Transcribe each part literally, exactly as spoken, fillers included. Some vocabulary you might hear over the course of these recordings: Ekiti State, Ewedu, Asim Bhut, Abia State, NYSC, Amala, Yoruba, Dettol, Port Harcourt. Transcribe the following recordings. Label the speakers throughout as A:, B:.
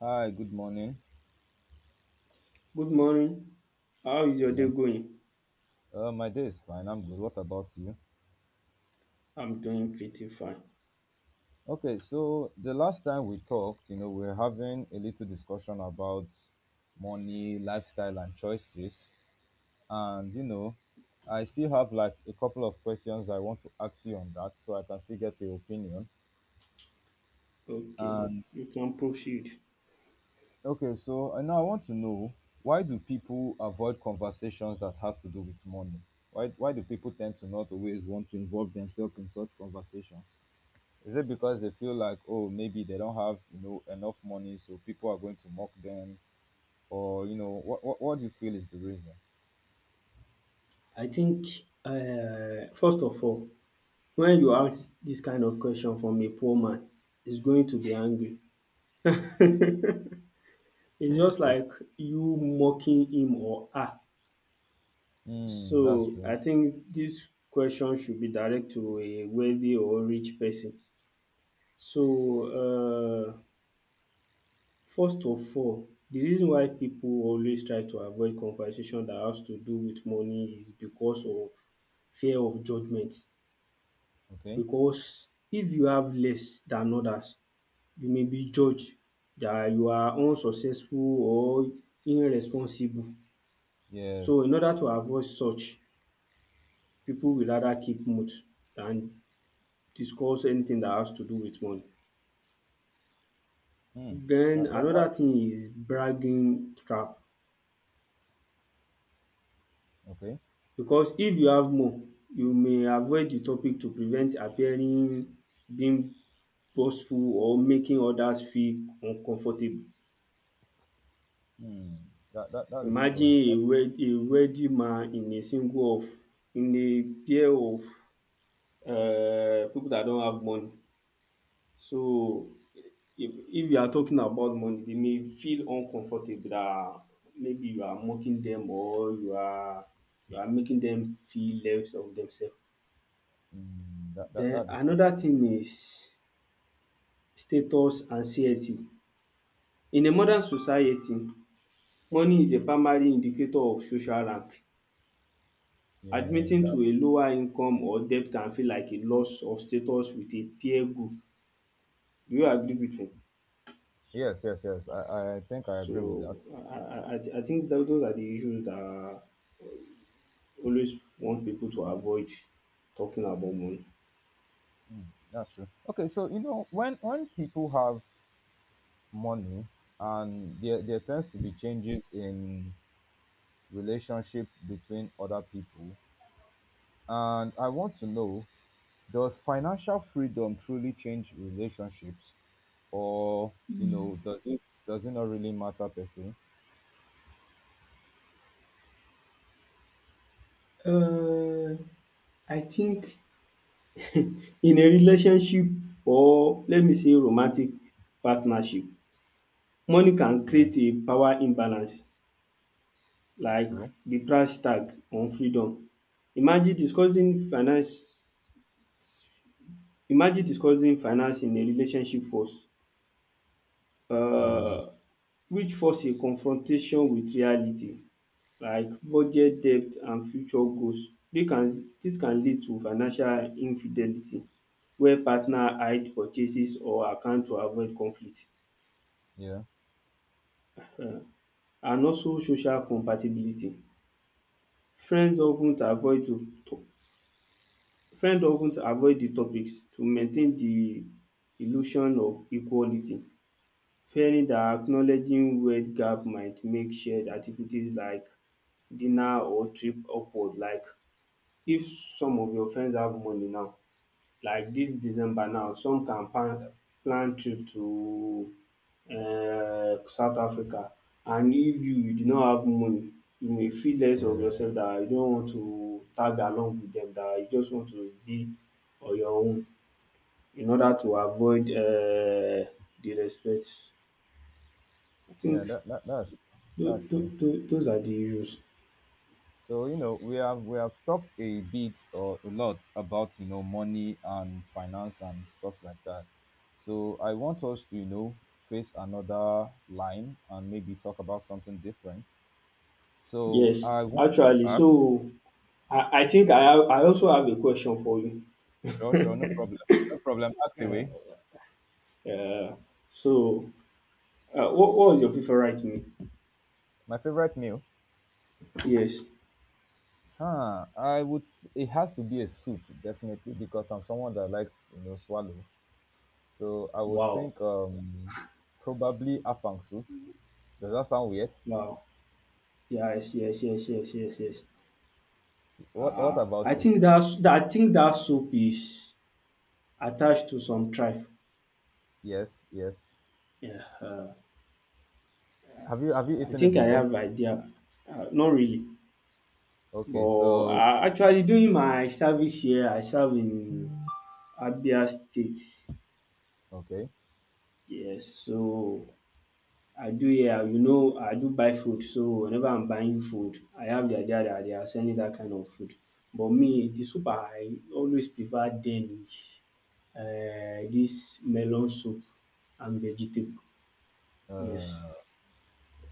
A: Hi, good morning.
B: Good morning. How is
A: Good
B: your day
A: morning.
B: going?
A: Uh, my day is fine. I'm good. What about you?
B: I'm doing pretty fine.
A: Okay, so the last time we talked, you know, we are having a little discussion about money, lifestyle, and choices. And, you know, I still have like a couple of questions I want to ask you on that so I can still get your opinion.
B: Okay,
A: And,
B: you can proceed.
A: okay, so I now I want to know, why do people avoid conversations that has to do with money? Why, why do people tend to not always want to involve themselves in such conversations? Is it because they feel like, oh, maybe they don't have, you know, enough money, so people are going to mock them, or you know, what what, what do you feel is the reason?
B: I think, uh, first of all, when you ask this kind of question from a poor man, he's going to be angry. It's just
A: Okay.
B: like you mocking him or her.
A: Mm, that's
B: So I
A: true.
B: think this question should be direct to a wealthy or rich person. So, uh, First of all, the reason why pipu always try to avoid conversation that has to do with money is because of fear of judgement.
A: Okay.
B: Because if you have less than others, you may be judged that you are unsuccessful or irresponsible. So in
A: Yes.
B: order to avoid such, pipu will rather keep mouth than discuss anything that has to do with money.
A: Hmm.
B: Den
A: That, that, that
B: another thing is bragging trap.
A: okay.
B: Because if you have more you may avoid the topic to prevent appearing being boastful or making others feel uncomfortable.
A: Hmm. That, that that is true.
B: Imagine a wed a wealthy man in a single of in a pair of um people that don't have money. So if if you are talking about money they may feel uncomfortable that maybe you are mocking them or you are you are making them feel less of themselves.
A: Mm, that, that
B: Then
A: that is true.
B: another thing is status anxiety. In a modern society, money is a primary indicator of social rank.
A: Yes.
B: Admitting to
A: That's,
B: a lower income or debt can feel like a loss of status with a peer group. Do you agree with me?
A: yes. Yes. Yes. I, I think I agree with that.
B: So I I I I think tho- those are the issues that I always want people to avoid talking about money.
A: That's true. Okay. So you know when when people have money and there there tends to be changes in relationship between other people. And I want to know, does financial freedom truly change relationships? Or, you know, does it does it not really matter per se?
B: um I think in a relationship, or let me say romantic partnership, money can create
A: Yes,
B: a power imbalance like
A: true.
B: the price tag on freedom. Imagine discussing finance Imagine discussing finance in a relationship force um
A: Mm,
B: which force a confrontation with reality like budget, debt and future goals. Dis can dis can lead to financial infidelity where partner hide purchases or account to avoid conflict.
A: yeah.
B: And also social compatibility. Friends often avoid to to- Friends often avoid the topics to maintain the illusion of equality, fearing that acknowledging wage gap might make shared activities like dinner or trip awkward. Like if some of your friends have money now, like this December now, some can plan, plan trip to uh, South Africa. And if you, you do not have money, you may feel less of
A: Yeah.
B: yourself, that you don't want to tag along with them, that you just want to be on your own in order to avoid uh, the respect. I
A: Yeah,
B: think
A: that, that that's
B: tho-
A: that's
B: tho-
A: true.
B: tho- those are the issues.
A: So, you know, we have we have talked a bit or a lot about, you know, money and finance and stuff like that. So I want us to, you know, face another line and maybe talk about something different. So
B: Yes,
A: I want to
B: actually,
A: ask.
B: so I, I think I, have, I also have a question for you.
A: Sure, sure, no problem. No problem. Ask away.
B: Uh, so Uh, what, what was your FIFA right me?
A: My favorite meal?
B: Yes.
A: Huh. I would. s- It has to be a soup, definitely, because I'm someone that likes, you know, swallow. So I would
B: Wow.
A: think, um, probably afang soup. Does that sound weird?
B: Wow. Yes, yes, yes, yes, yes, yes.
A: S- What What
B: Uh, I
A: about it?
B: think that's that I think that soup is attached to some tribe.
A: Yes, yes.
B: Yeah. Uh,
A: Have you Have you
B: I
A: eaten it
B: think I
A: before?
B: have idea. Uh, not really.
A: Okay,
B: But
A: so
B: uh, actually doing my service here, I serve in Abia State.
A: okay.
B: Yes, so I do. Yeah, you know, I do buy food, so whenever I'm buying food I have the idea that they are selling that kind of food, but me, the soup I always prefer then is um dis melon soup and vegetable. Yes,
A: Uh,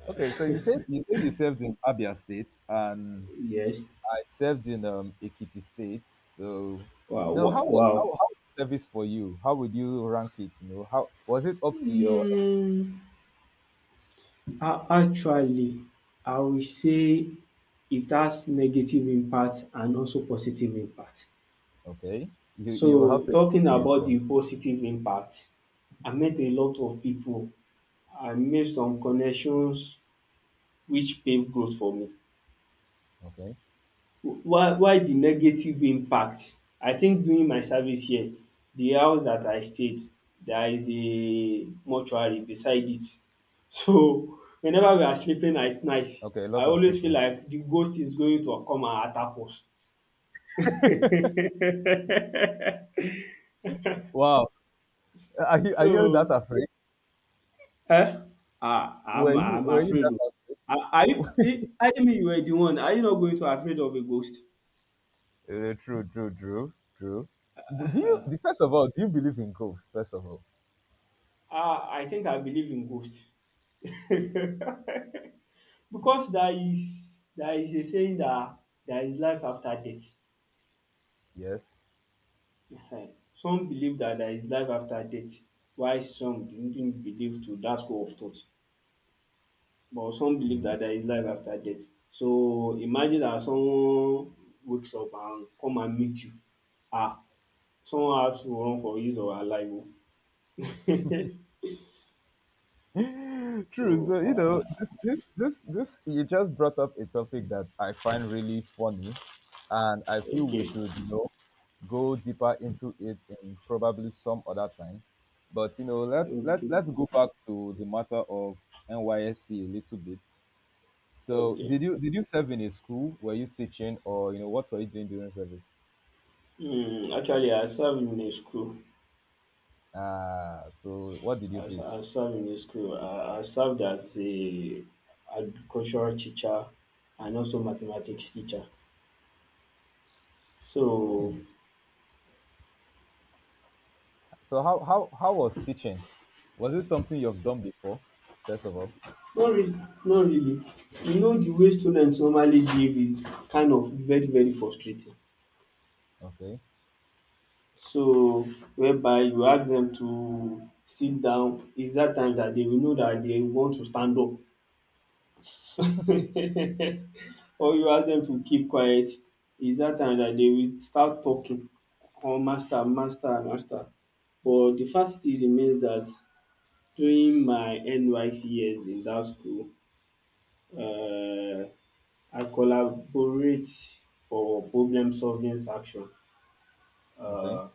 A: okay, so you said you said you served in Abia State, and
B: yes.
A: I served in um Ekiti State. So,
B: Wow,
A: you know,
B: wow,
A: how was how,
B: wow.
A: how was service for you? How would you rank it? You know, how was it up to your ex-
B: um a Actually, I will say it has negative impact and also positive impact.
A: okay? You you will
B: So
A: have to
B: talking
A: explain it
B: about
A: for
B: the
A: me.
B: positive impact, I met a lot of pipu and made some connections which pave growth for me.
A: Okay,
B: While while the negative impact, I think during my service here, the house that I stayed, there is a mortuary beside it. So whenever we are sleeping at night,
A: okay,
B: I
A: lots of
B: always feel
A: people.
B: like the ghost is going to come and attack us.
A: Wow, are you are you that
B: So,
A: afraid?
B: eh? Ah,
A: Were
B: I'm
A: you
B: I'm
A: were you
B: afraid
A: that
B: oh.
A: afraid?
B: Are are you e either me you were the one, are you not going to afraid of a ghost?
A: Uh, true, true, true, true. Do, do you? the- First of all, do you believe in ghosts? First of all,
B: Ah, I think I believe in ghost. Because there is there is a saying that there is life after death.
A: yes.
B: Ehen. Some believe that there is life after death, while some didn't believe to that school of thought. But some believe that there is life after death. So imagine that someone wakes up and come and meet you. Ah, someone has to run for use of her life. Oh.
A: True.
B: so
A: So you know,
B: uh,
A: this this this this you just brought up a topic that I find really funny, and I feel we
B: okay,
A: should, you know, go deeper into it in probably some other time. But you know, let's let's
B: okay,
A: let's go back to the matter of N Y S C a little bit. So
B: okay.
A: did you did you serve in a school? Were you teaching, or you know, what were you doing during service?
B: Mm, actually, I served in a school.
A: Ah, so what did you
B: I, s- I
A: teach?
B: served in a school. I, I served as a agricultural teacher and also mathematics teacher. So
A: Hmm. So how how how was teaching? Was it something you've done before? First of all,
B: not really, not really. You know the way students normally behave is kind of very very frustrating.
A: okay,
B: So whereby you ask dem to sit down is dat time dat dey will know dat dey want to stand up, or you ask dem to keep quiet is dat time dat dey will start talking, or master master master, but de fact still remains dat during my N Y S C years in dat school um I collaborate for problem solving section,
A: okay.
B: um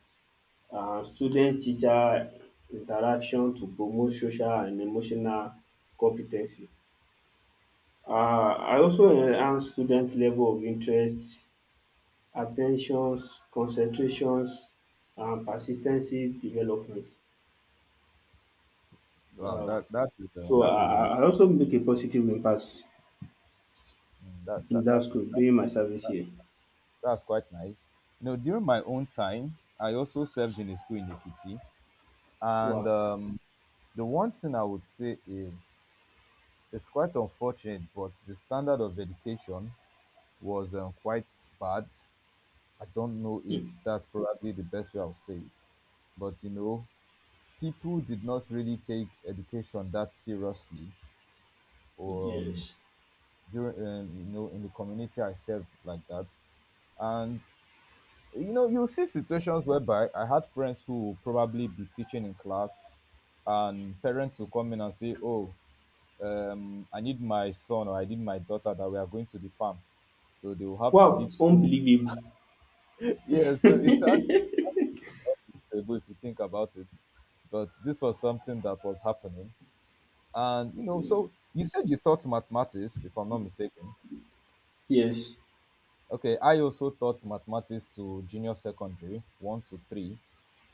B: um student teacher interaction to promote social and emotional competency. Ten um I also enhance student level of interest, attentions, concentrations and persistency development.
A: Wow,
B: um
A: that that is
B: So
A: a,
B: I
A: that is a
B: I
A: lot.
B: I also make a positive impact
A: Mm, That
B: in
A: that
B: that
A: that is
B: school
A: that,
B: during my service
A: that,
B: here.
A: that's quite nice. You know, during my own time, I also served in a school in Ekiti, and
B: Wow!
A: um, the one thing I would say is it's quite unfortunate, but the standard of education was, um, quite bad. I don't know if
B: um
A: that's probably the best way I'll say it, but you know, people did not really take education that seriously or um,
B: yes.
A: during um, you know, in the community I served like that, and you know, you see situations whereby I had friends who would probably be teaching in class, and parents will come in and say, oh, um, I need my son or I need my daughter, that we are going to the farm, so they will have to
B: Wow!
A: leave school.
B: Unbelievable.
A: Yeah, so it's hard to- if you think about it, but this was something that was happening. And you know, so you said you taught mathematics, if I'm not mistaken.
B: Yes.
A: Okay, I also taught mathematics to junior secondary one to three.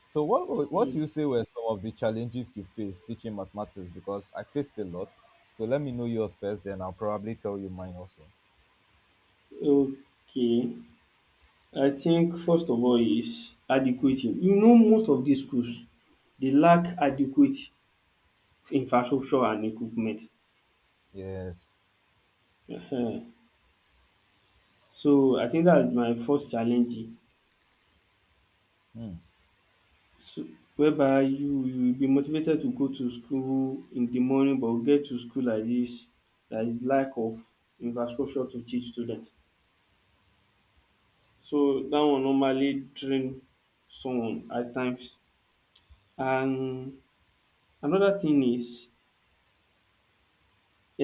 A: So what were- what
B: um
A: you say were some of the challenges you faced teaching mathematics? Because I faced a lot. So let me know yours first, then I'll probably tell you mine also.
B: okay. I think first of all is adequate. You know most of these schools they lack adequate infrastructure and equipment.
A: Yes.
B: um so I think that's my first challenge.
A: Hmm.
B: So, whereby you you will be motivated to go to school in the morning but get to school like this, there is lack of infrastructure to teach students. So that one normally drain someone at times, and another thing is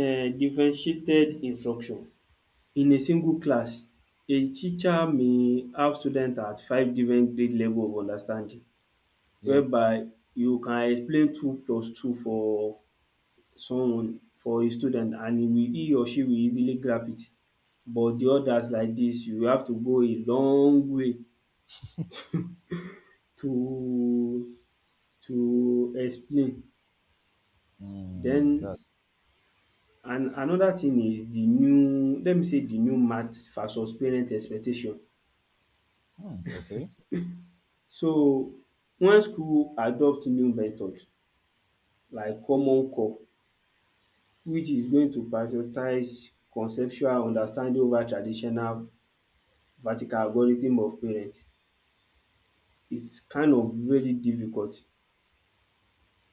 B: um differentiated instruction. In a single class, a teacher may have student at five different grade level of understanding,
A: Yeah.
B: whereby you can explain two plus two for someone for a student and he will he or she will easily grab it, but the others like dis you have to go a long way to to explain.
A: Hmm.
B: Den
A: That's
B: another thing is the new let me say the new math versus parent expectation.
A: hmm. Okay.
B: So when school adopt new method like common core, which is going to prioritize conceptual understanding over traditional vertical algorithm of parent, is kind of very difficult.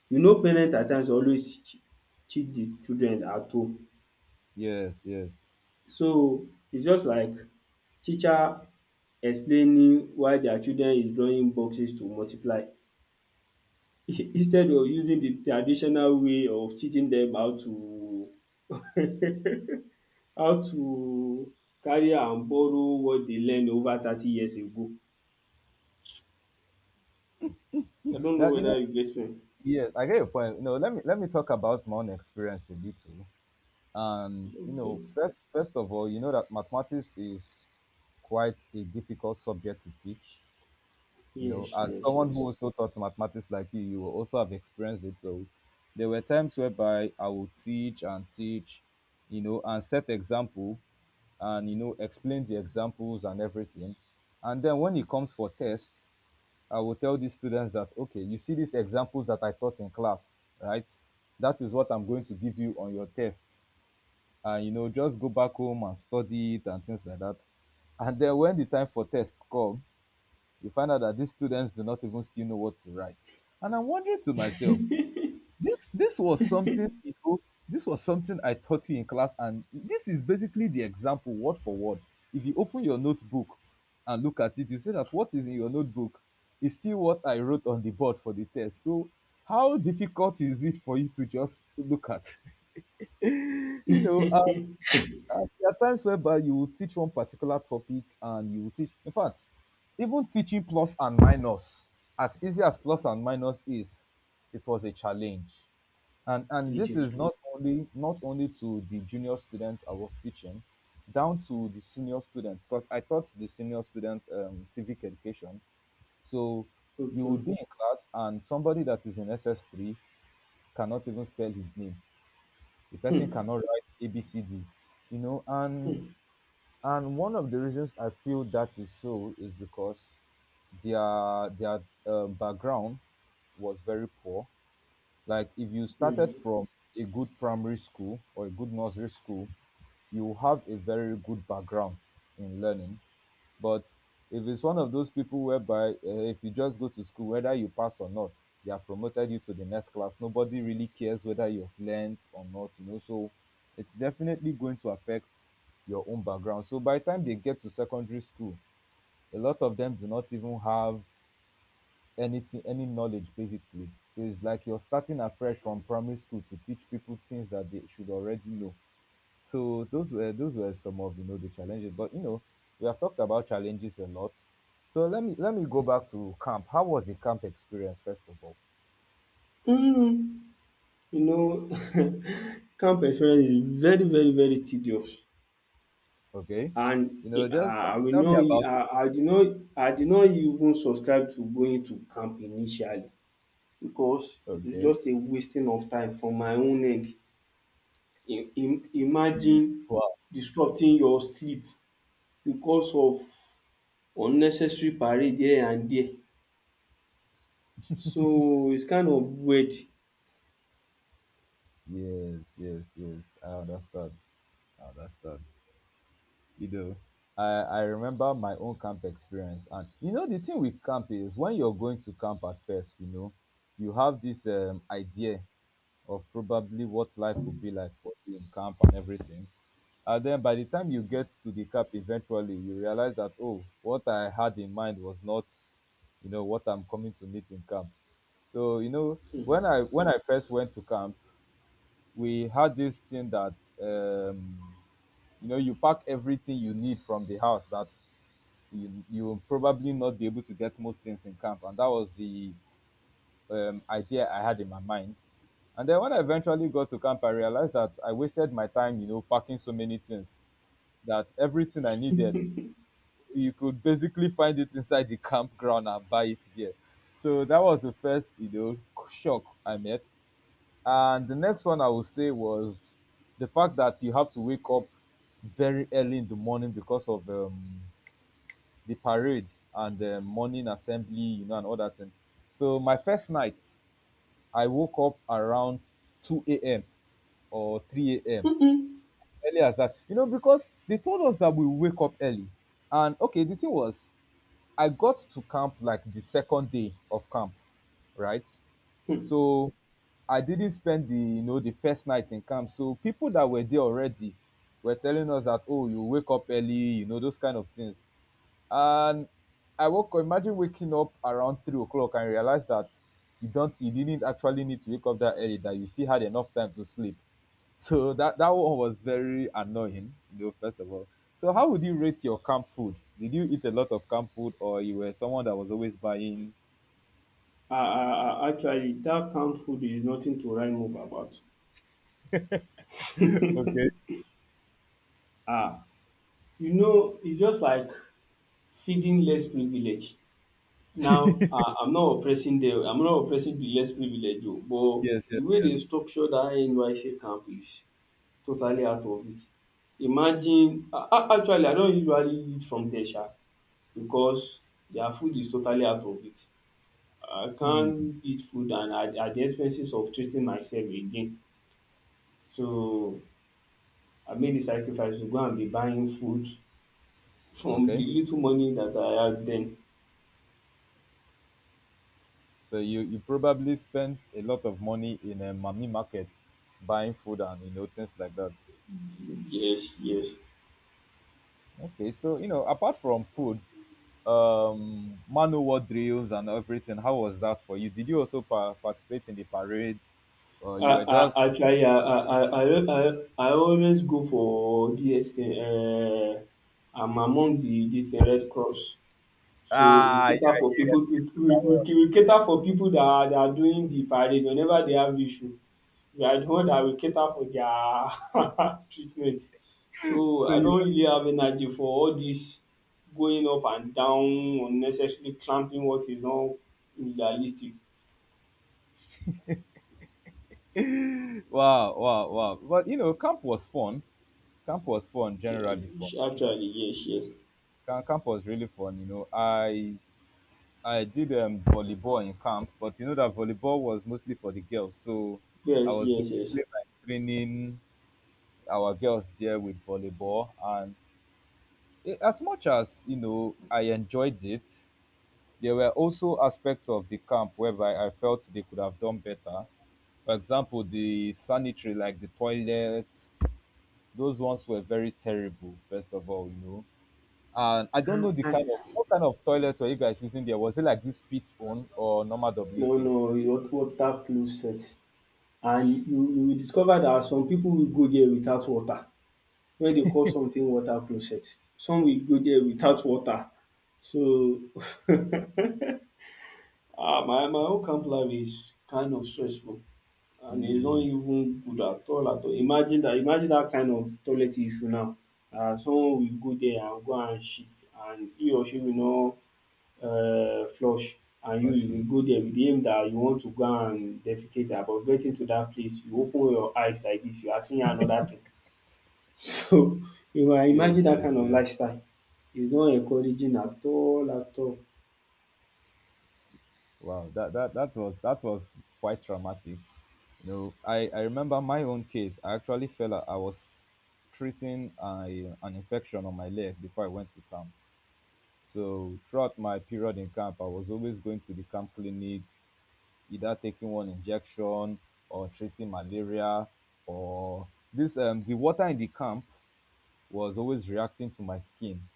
B: You know parent at times always teach the children at home.
A: Yes. Yes.
B: So it's just like teacher explaining why their children is drawing boxes to multiply instead of using the traditional way of teaching them how to how to carry and borrow what dey learn over thirty years ago. I don't know
A: That you
B: whether
A: know.
B: you get me.
A: Yes, I get your point. No, let me let me talk about my own experience a little. And you
B: Okay.
A: know, first first of all, you know that mathematics is quite a difficult subject to teach. You know,
B: Yes,
A: as
B: yes,
A: someone who
B: yes.
A: also taught mathematics like you you will also have experienced it. So there were times whereby I would teach and teach, you know, and set example, and you know, explain the examples and everything, and then when it comes for tests, I will tell the students that, okay, you see these examples that I taught in class, right? That is what I'm going to give you on your test. And you know, just go back home and study it and things like that. And then when the time for tests come, you find out that these students do not even still know what to write. And I'm wondering to myself, this this was something, you know, this was something I taught you in class, and this is basically the example word for word. If you open your notebook and look at it, you see that what is in your notebook is still what I wrote on the board for the test. So how difficult is it for you to just look at you know, uh, and there are times whereby you will teach one particular topic and you will teach. In fact, even teaching plus and minus, as easy as plus and minus is, it was a challenge. And and
B: It
A: this
B: is
A: is
B: true.
A: not only not only to the junior students I was teaching, down to the senior students, because I taught the senior students um, civic education. So you
B: Okay.
A: would be in class and somebody that is in S S three cannot even spell his name. The person
B: um
A: cannot write A B C D, you know, and and one of the reasons I feel that is so is because their their uh, background was very poor. Like if you started
B: um
A: from a good primary school or a good nursery school, you have a very good background in learning. But if it's one of those people whereby uh, if you just go to school, whether you pass or not, they have promoted you to the next class. Nobody really cares whether you've learned or not, you know. So it's definitely going to affect your own background. So by the time they get to secondary school, a lot of them do not even have anything, any knowledge basically. So it's like you're starting afresh from primary school to teach people things that they should already know. So those were those were some of, you know, the challenges. But you know, we have talked about challenges a lot. So let me let me go back to camp. How was the camp experience first of all?
B: um you know, camp experience is very very very tedious,
A: Okay,
B: and
A: you know,
B: uh,
A: just
B: I will
A: tell me
B: not
A: about it.
B: I I did not, I did not even subscribe to going to camp initially because it is
A: Okay.
B: just a wasting of time from my own end. Im im Imagine
A: Wow.
B: disrupting your sleep because of unnecessary parade here and there. So it's kind of weird.
A: Yes, yes, yes. I understand. I understand. You know, I I remember my own camp experience, and you know, the thing with camp is when you're going to camp at first, you know, you have this, um, idea of probably what life will be like for you in camp and everything. And then by the time you get to the camp, eventually you realize that, oh, what I had in mind was not, you know, what I'm coming to meet in camp. So you know,
B: um
A: when I when I first went to camp, we had this thing that, um, you know, you pack everything you need from the house, that you you will probably not be able to get most things in camp, and that was the, um, idea I had in my mind. And then when I eventually got to camp, I realized that I wasted my time, you know, packing so many things, that everything I needed, you could basically find it inside the campground and buy it there. So that was the first, you know, shock I met. And the next one I would say was the fact that you have to wake up very early in the morning because of, um, the parade and the morning assembly, you know, and all that thing. So my first night I woke up around two a m or three a m,
B: um
A: early as that. You know, because they told us that we wake up early. And okay, the thing was, I got to camp like the second day of camp, right?
B: um
A: So I didn't spend the, you know, the first night in camp. So people that were there already were telling us that, oh, you wake up early, you know, those kind of things. And I woke. Imagine waking up around three o'clock and realize that you don't you didn't actually need to wake up that early. That you still had enough time to sleep. So that that one was very annoying, you know, first of all. So how would you rate your camp food? Did you eat a lot of camp food, or you were someone that was always buying?
B: um Actually dat kain food is nothing to write home about.
A: Okay.
B: um you know it's just like feeding less privilege. Now um I'm not oppressing dem, I'm not oppressing de less privilege oo, but
A: Yes,
B: de
A: yes,
B: way dey
A: yes.
B: structure dat N Y S C camp is totally out of it. Imagine a- actually I don usually eat from there sha because their food is totally out of it. I can't eat food and at at the expenses of treating myself again. So I made the sacrifice to go and be buying food from the
A: Okay.
B: little money that I had then.
A: So you you probably spent a lot of money in a mommy market buying food and, you know, things like that.
B: Yes, yes.
A: Okay, so you know, apart from food, um, manual war drills and everything. How was that for you? Did you also pa- participate in the parade, or
B: I
A: you were
B: I
A: just,
B: actually I I I I I always go for dis thing, um I'm among the dis thing Red Cross. So we
A: ah, you were,
B: cater for
A: you were
B: people we
A: escaped from
B: we
A: that one?
B: we we cater for people that are that are doing the parade whenever they have issue. We are the one that will cater for their treatment. So
A: So
B: I
A: you,
B: don't really have energy for all this going up and down unnecessarily clamping what is not realistic.
A: wow, wow, wow, but you know, camp was fun, camp was fun,
B: Yeah,
A: generally fun.
B: actually, yes, yes.
A: Ca- camp was really fun. You know i I did um, volleyball in camp, but you know, that volleyball was mostly for the girls. So I
B: Yes,
A: was
B: yes, yes.
A: basically like training our girls there with volleyball. And, eh, as much as, you know, I enjoyed it, there were also aspects of the camp whereby I felt they could have done better. For example, the sanitary, like the toilet, those ones were very terrible, first of all, you know. And I don't
B: And,
A: know the
B: and
A: kind of, what kind of toilet were you guys using there? Was it like this pit one or normal
B: No,
A: W C?
B: no, what water closet. And you, you will discover that some people will go there without water. Wey dey call something water closet. Some will go there without water. So ah, my my own camp life is kind of stressful and it's not
A: Mm,
B: even good at all at all. Imagine that! Imagine that kind of toilet issue now, um someone will go there and go and shit and he or she will not, um flush, and you you
A: rushes.
B: will go there with the aim dat you want to go and defecate. But getting to that place you open your eyes like this, you are seeing another thing. So you might imagine
A: Yes,
B: that kind
A: yes,
B: of
A: yes.
B: lifestyle. It's not encouraging at all at all.
A: Wow, that, that that was that was quite traumatic. You know, I, I remember my own case. I actually fell. out- I was treating a, an infection on my leg before I went to camp. So throughout my period in camp, I was always going to the camp clinic, either taking one injection or treating malaria, or this um the water in the camp was always reacting to my skin.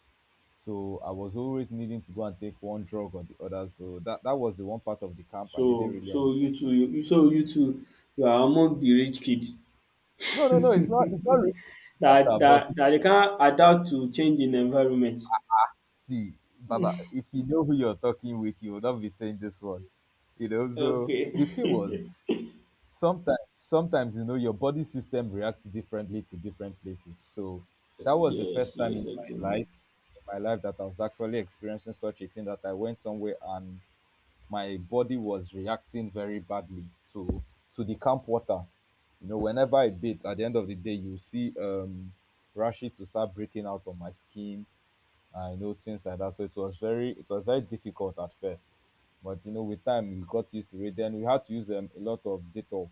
A: So I was always needing to go and take one drug or the other. So that, that was the one part of the camp I didn't
B: So
A: really
B: so you
A: understand.
B: too you you- so you too you are among the rich kids.
A: No, no, no, it's not it's not rich
B: That
A: matter,
B: that
A: but
B: that they can't adapt to change in environment.
A: see, Baba, if you know who you're talking with, you will not be saying this one. You know, so the thing
B: Okay.
A: was, sometimes sometimes you know, your body system reacts differently to different places. So that was the
B: Yes,
A: first time
B: yes,
A: in
B: I do.
A: my life in my life that I was actually experiencing such a thing, that I went somewhere and my body was reacting very badly to to the camp water. You know, whenever I bathe, at the end of the day, you see, um, rashes to start breaking out on my skin. I know things like that. So it was very, it was very difficult at first, but you know, with time we got used to it. Then we had to use um, a lot of Dettol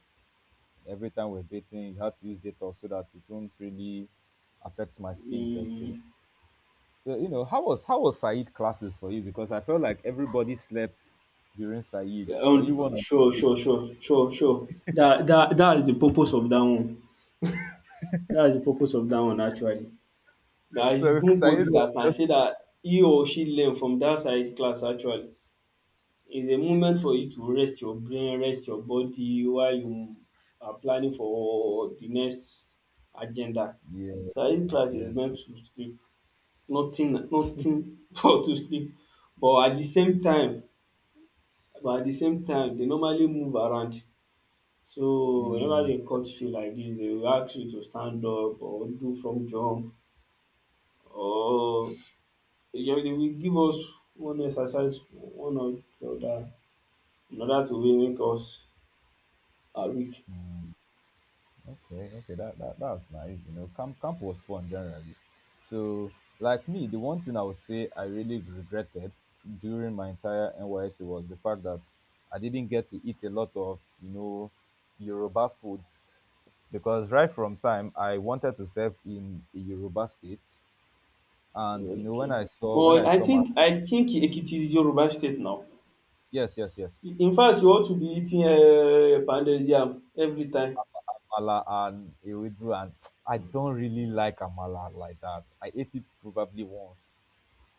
A: every time we're bathing. You had to use Dettol so that it won't really affect my skin per se.
B: Mm.
A: So, you know, how was how was Said classes for you? Because I felt like everybody slept during Said.
B: Yeah.
A: Were you
B: Um,
A: one of
B: sure,
A: the
B: sure,
A: people?
B: sure, sure, sure. That that that is the purpose of that one. That is the purpose of that one actually. There is
A: So Said
B: nobody
A: was
B: that can
A: just,
B: say that he or she learned from that side class actually. It's a moment for you to rest your brain, rest your body while you are planning for the next agenda.
A: yes,
B: Side class is
A: yes.
B: meant to sleep. Nothing nothing but to sleep. But at the same time but at the same time they normally move around. So whenever
A: Mm,
B: they cut you like this, they will ask you to stand up or do from jump, or yeah, they will give us one exercise, one or the other, in order to really make us uh, weak.
A: okay, okay. That, that that's nice. You know, camp camp was fun generally. So, like me, the one thing I would say I really regretted during my entire N Y C was the fact that I didn't get to eat a lot of, you know, Yoruba foods, because right from time I wanted to serve in a Yoruba state. And you know, when
B: Okay.
A: I saw when
B: But
A: I
B: I
A: saw my,
B: think I think Ekiti is Yoruba state now.
A: yes, yes, yes,
B: In fact, you ought to be eating uh, pounded yam every time.
A: Amala and Ewedu. And I don't really like Amala like that. I ate it probably once,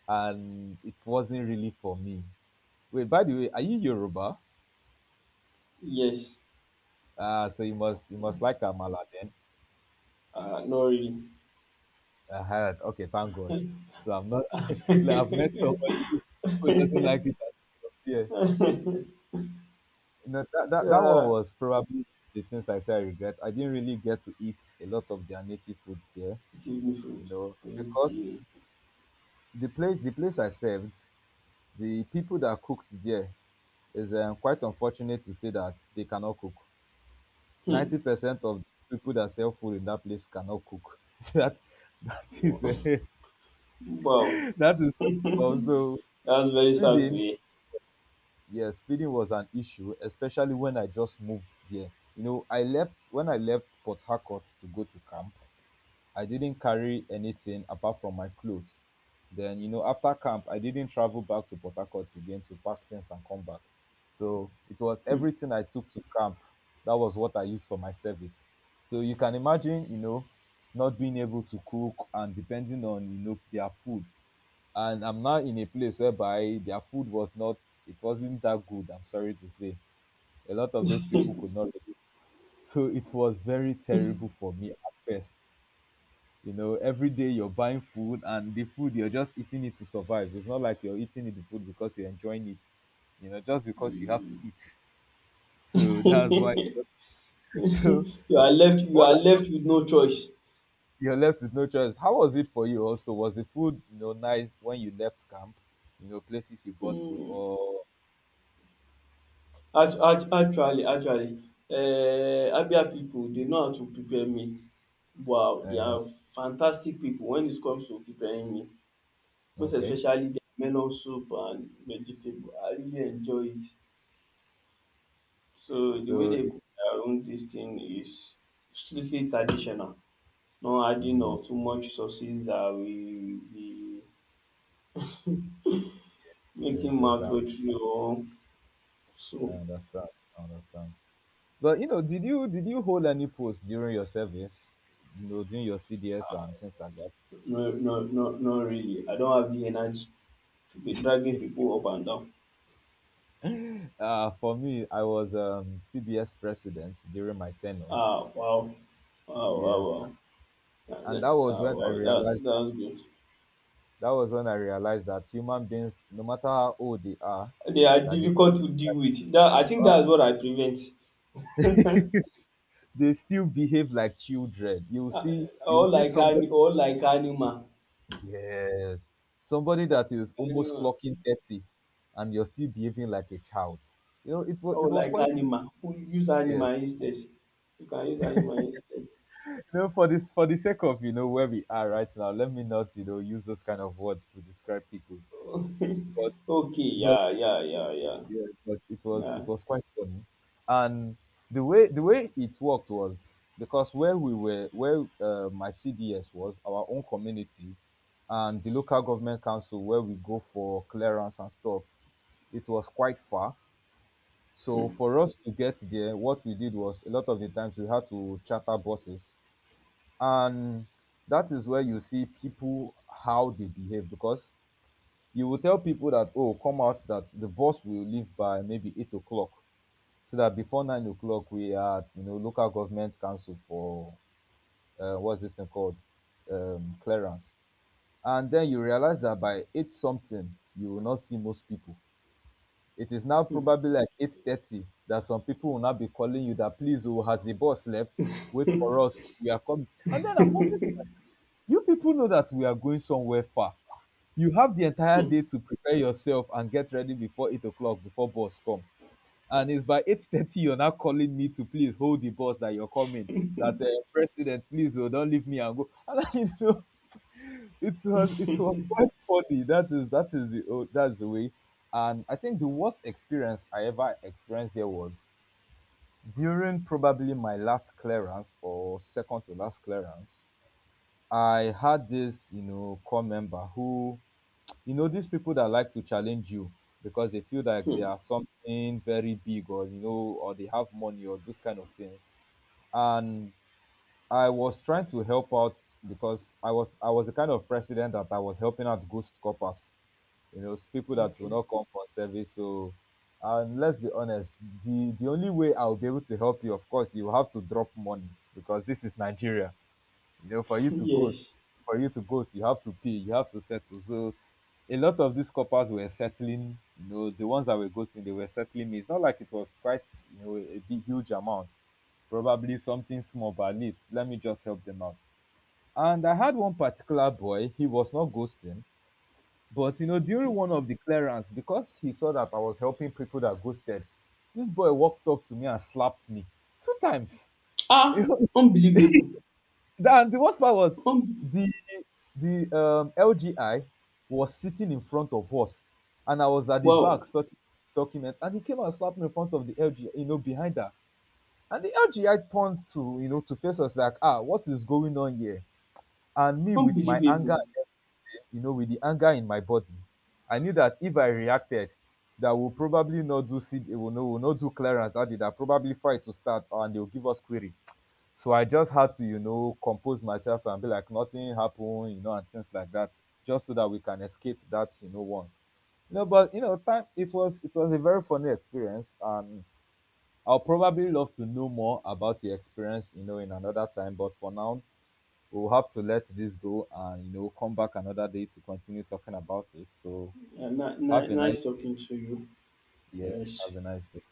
A: and it wasn't really for me. Wait, by the way, are you Yoruba?
B: Yes.
A: Uh, so you must you must like Amala then.
B: Uh, not really.
A: I heard. Okay, thank God. So I'm not. Like, I've met somebody who, who doesn't
B: Yeah,
A: like it. Yeah, you know that, that that one was probably the things I say I regret. I didn't really get to eat a lot of their native food there,
B: it's evening food.
A: you know,
B: Okay.
A: because the place the place I served, the people that cooked there is, um, quite unfortunate to say that they cannot cook.
B: Hmm.
A: Ninety percent of people that sell food in that place cannot cook. That that is, uh,
B: Wow,
A: that is also
B: that's very sad to
A: feeding.
B: hear.
A: Yes, feeding was an issue, especially when I just moved there. You know, I left when I left Port Harcourt to go to camp, I didn't carry anything apart from my clothes. Then, you know, after camp, I didn't travel back to Port Harcourt again to pack things and come back. So it was everything I took to camp. That was what I used for my service. So you can imagine, you know, not being able to cook and depending on, you know, their food. And I'm now in a place whereby their food was not, it wasn't that good, I'm sorry to say. A lot of those people could not relate. So it was very terrible for me at first. You know, every day you're buying food, and the food, you're just eating it to survive. It's not like you're eating it, the food, because you're enjoying it. You know, just because you have to eat. So that's why so
B: You
A: you
B: are
A: know
B: left. You
A: what,
B: are left with no choice.
A: you're left with no choice. How was it for you? Also, was the food, you know, nice when you left camp? You know, places you bought food
B: um
A: or,
B: act act Actually, actually, um Abia pipu dey know how to prepare meal. Wow! They
A: uh,
B: are fantastic pipu wen it comes to preparing meal. Most
A: okay
B: especially their melon soup and vegetable. I really enjoy it. So the way
A: so
B: they
A: it,
B: cook their own dis thing is strictly traditional. No adding
A: mm,
B: of too much sauces that will be making
A: yes yes
B: mouth
A: i
B: watery or
A: I
B: so.
A: understand, i understand but you know, did you did you hold any post during your service, you know, during your CDS and things like that?
B: No, no, no, not really. I don't have the energy to be dragging pipu up and down.
A: Uh, for me, I was, um, C B S president during my tenure.
B: Ah, wow. Wow, wow,
A: Yes,
B: wow. That,
A: and
B: that,
A: that was
B: ah,
A: when I
B: wow, that,
A: realized that
B: that's good.
A: that was when I realized that human beings, no matter how old they are,
B: They are
A: that they, uh,
B: difficult to deal with. That, I think that's what I prevent.
A: they still behave like children. You
B: Ah,
A: see, you
B: or
A: see
B: like, ani-
A: somebody,
B: all like animal.
A: yes, somebody
B: All
A: that is
B: like
A: almost
B: animal.
A: clocking thirty, and you're still behaving like a child. You know, it was, it
B: Or
A: was
B: like
A: quite,
B: animal. Who use
A: yes.
B: animal instead. You can use animal instead.
A: You know, for this, for the sake of, you know, where we are right now, let me not, you know, use those kind of words to describe people. but
B: Okay,
A: but
B: yeah, yeah, yeah,
A: yeah, but it was,
B: yeah.
A: it was quite funny. And the way the way it worked was because where we were, where, uh, my C D S was our own community, and the local government council where we go for clearance and stuff, it was quite far. So for us to get there, what we did was, a lot of the times we had to charter buses. And that is where you see people how they behave, because you will tell people that, oh, come out, that the bus will leave by maybe eight o'clock, so that before nine o'clock we are at, you know, local government council for, uh, what's this thing called, um, clearance. And then you realize that by eight something you will not see most people. It is now probably like eight thirty that some people will now be calling you that, please, oh, has the boss left? Wait
B: Yeah.
A: for us, we are coming. And then I'm wondering to myself, you people know that we are going somewhere far. You have the entire day to prepare yourself and get ready before eight o'clock before boss comes. And it's by eight thirty you're now calling me to please hold the bus, that you're coming, that, uh, president, please, oh, don't leave me and go. And I, you know, it was, it was quite funny. That is, that is the, oh, that's the way. And I think the worst experience I ever experienced there was during probably my last clearance or second to last clearance. I had this, you know, core member, who, you know, these people that like to challenge you because they feel like they are something very big, or, you know, or they have money or those kind of things. And I was trying to help out, because i was I was the kind of president that I was helping out ghost coppers, you know, people that will
B: Okay.
A: not come for service. So, and let's be honest, the the only way I'll be able to help you, of course, you have to drop money, because this is Nigeria. You know, for you to ghost,
B: Yes.
A: for you to ghost, you have to pay, you have to settle. So a lot of these coppers were settling, you know, the ones that were ghosting, they were settling me. It's not like it was quite, you know, a big huge amount. Probably something small, but at least let me just help them out. And I had one particular boy, he was not ghosting, but you know, during one of the clearance, because he saw that I was helping people that ghosted, this boy walked up to me and slapped me two times.
B: Ah, unbelievable.
A: And the worst part was
B: Un-
A: the the um, L G I was sitting in front of us, and I was at the
B: wow.
A: back sorting documents, and he came and slapped me in front of the L G I, you know, behind her. And the L G I turned to, you know, to face us like, ah, what is going on here? And me with my
B: Unbelievable.
A: anger, you know, with the anger in my body, I knew that if I reacted, that will probably not do seed, will not, will not do clearance that day. That probably fight to start, and they'll give us query. So I just had to, you know, compose myself and be like, nothing happened, you know, and things like that, just so that we can escape that, you know, one. You know, but you know, time it was, it was a very funny experience. And I'll probably love to know more about the experience, you know, in another time. But for now, we'll have to let this go and, you know, come back another day to continue talking about it. So
B: Uh, ni- ni-
A: have a
B: nice
A: nice day.
B: talking to you.
A: Yes,
B: Yes.
A: have a nice day.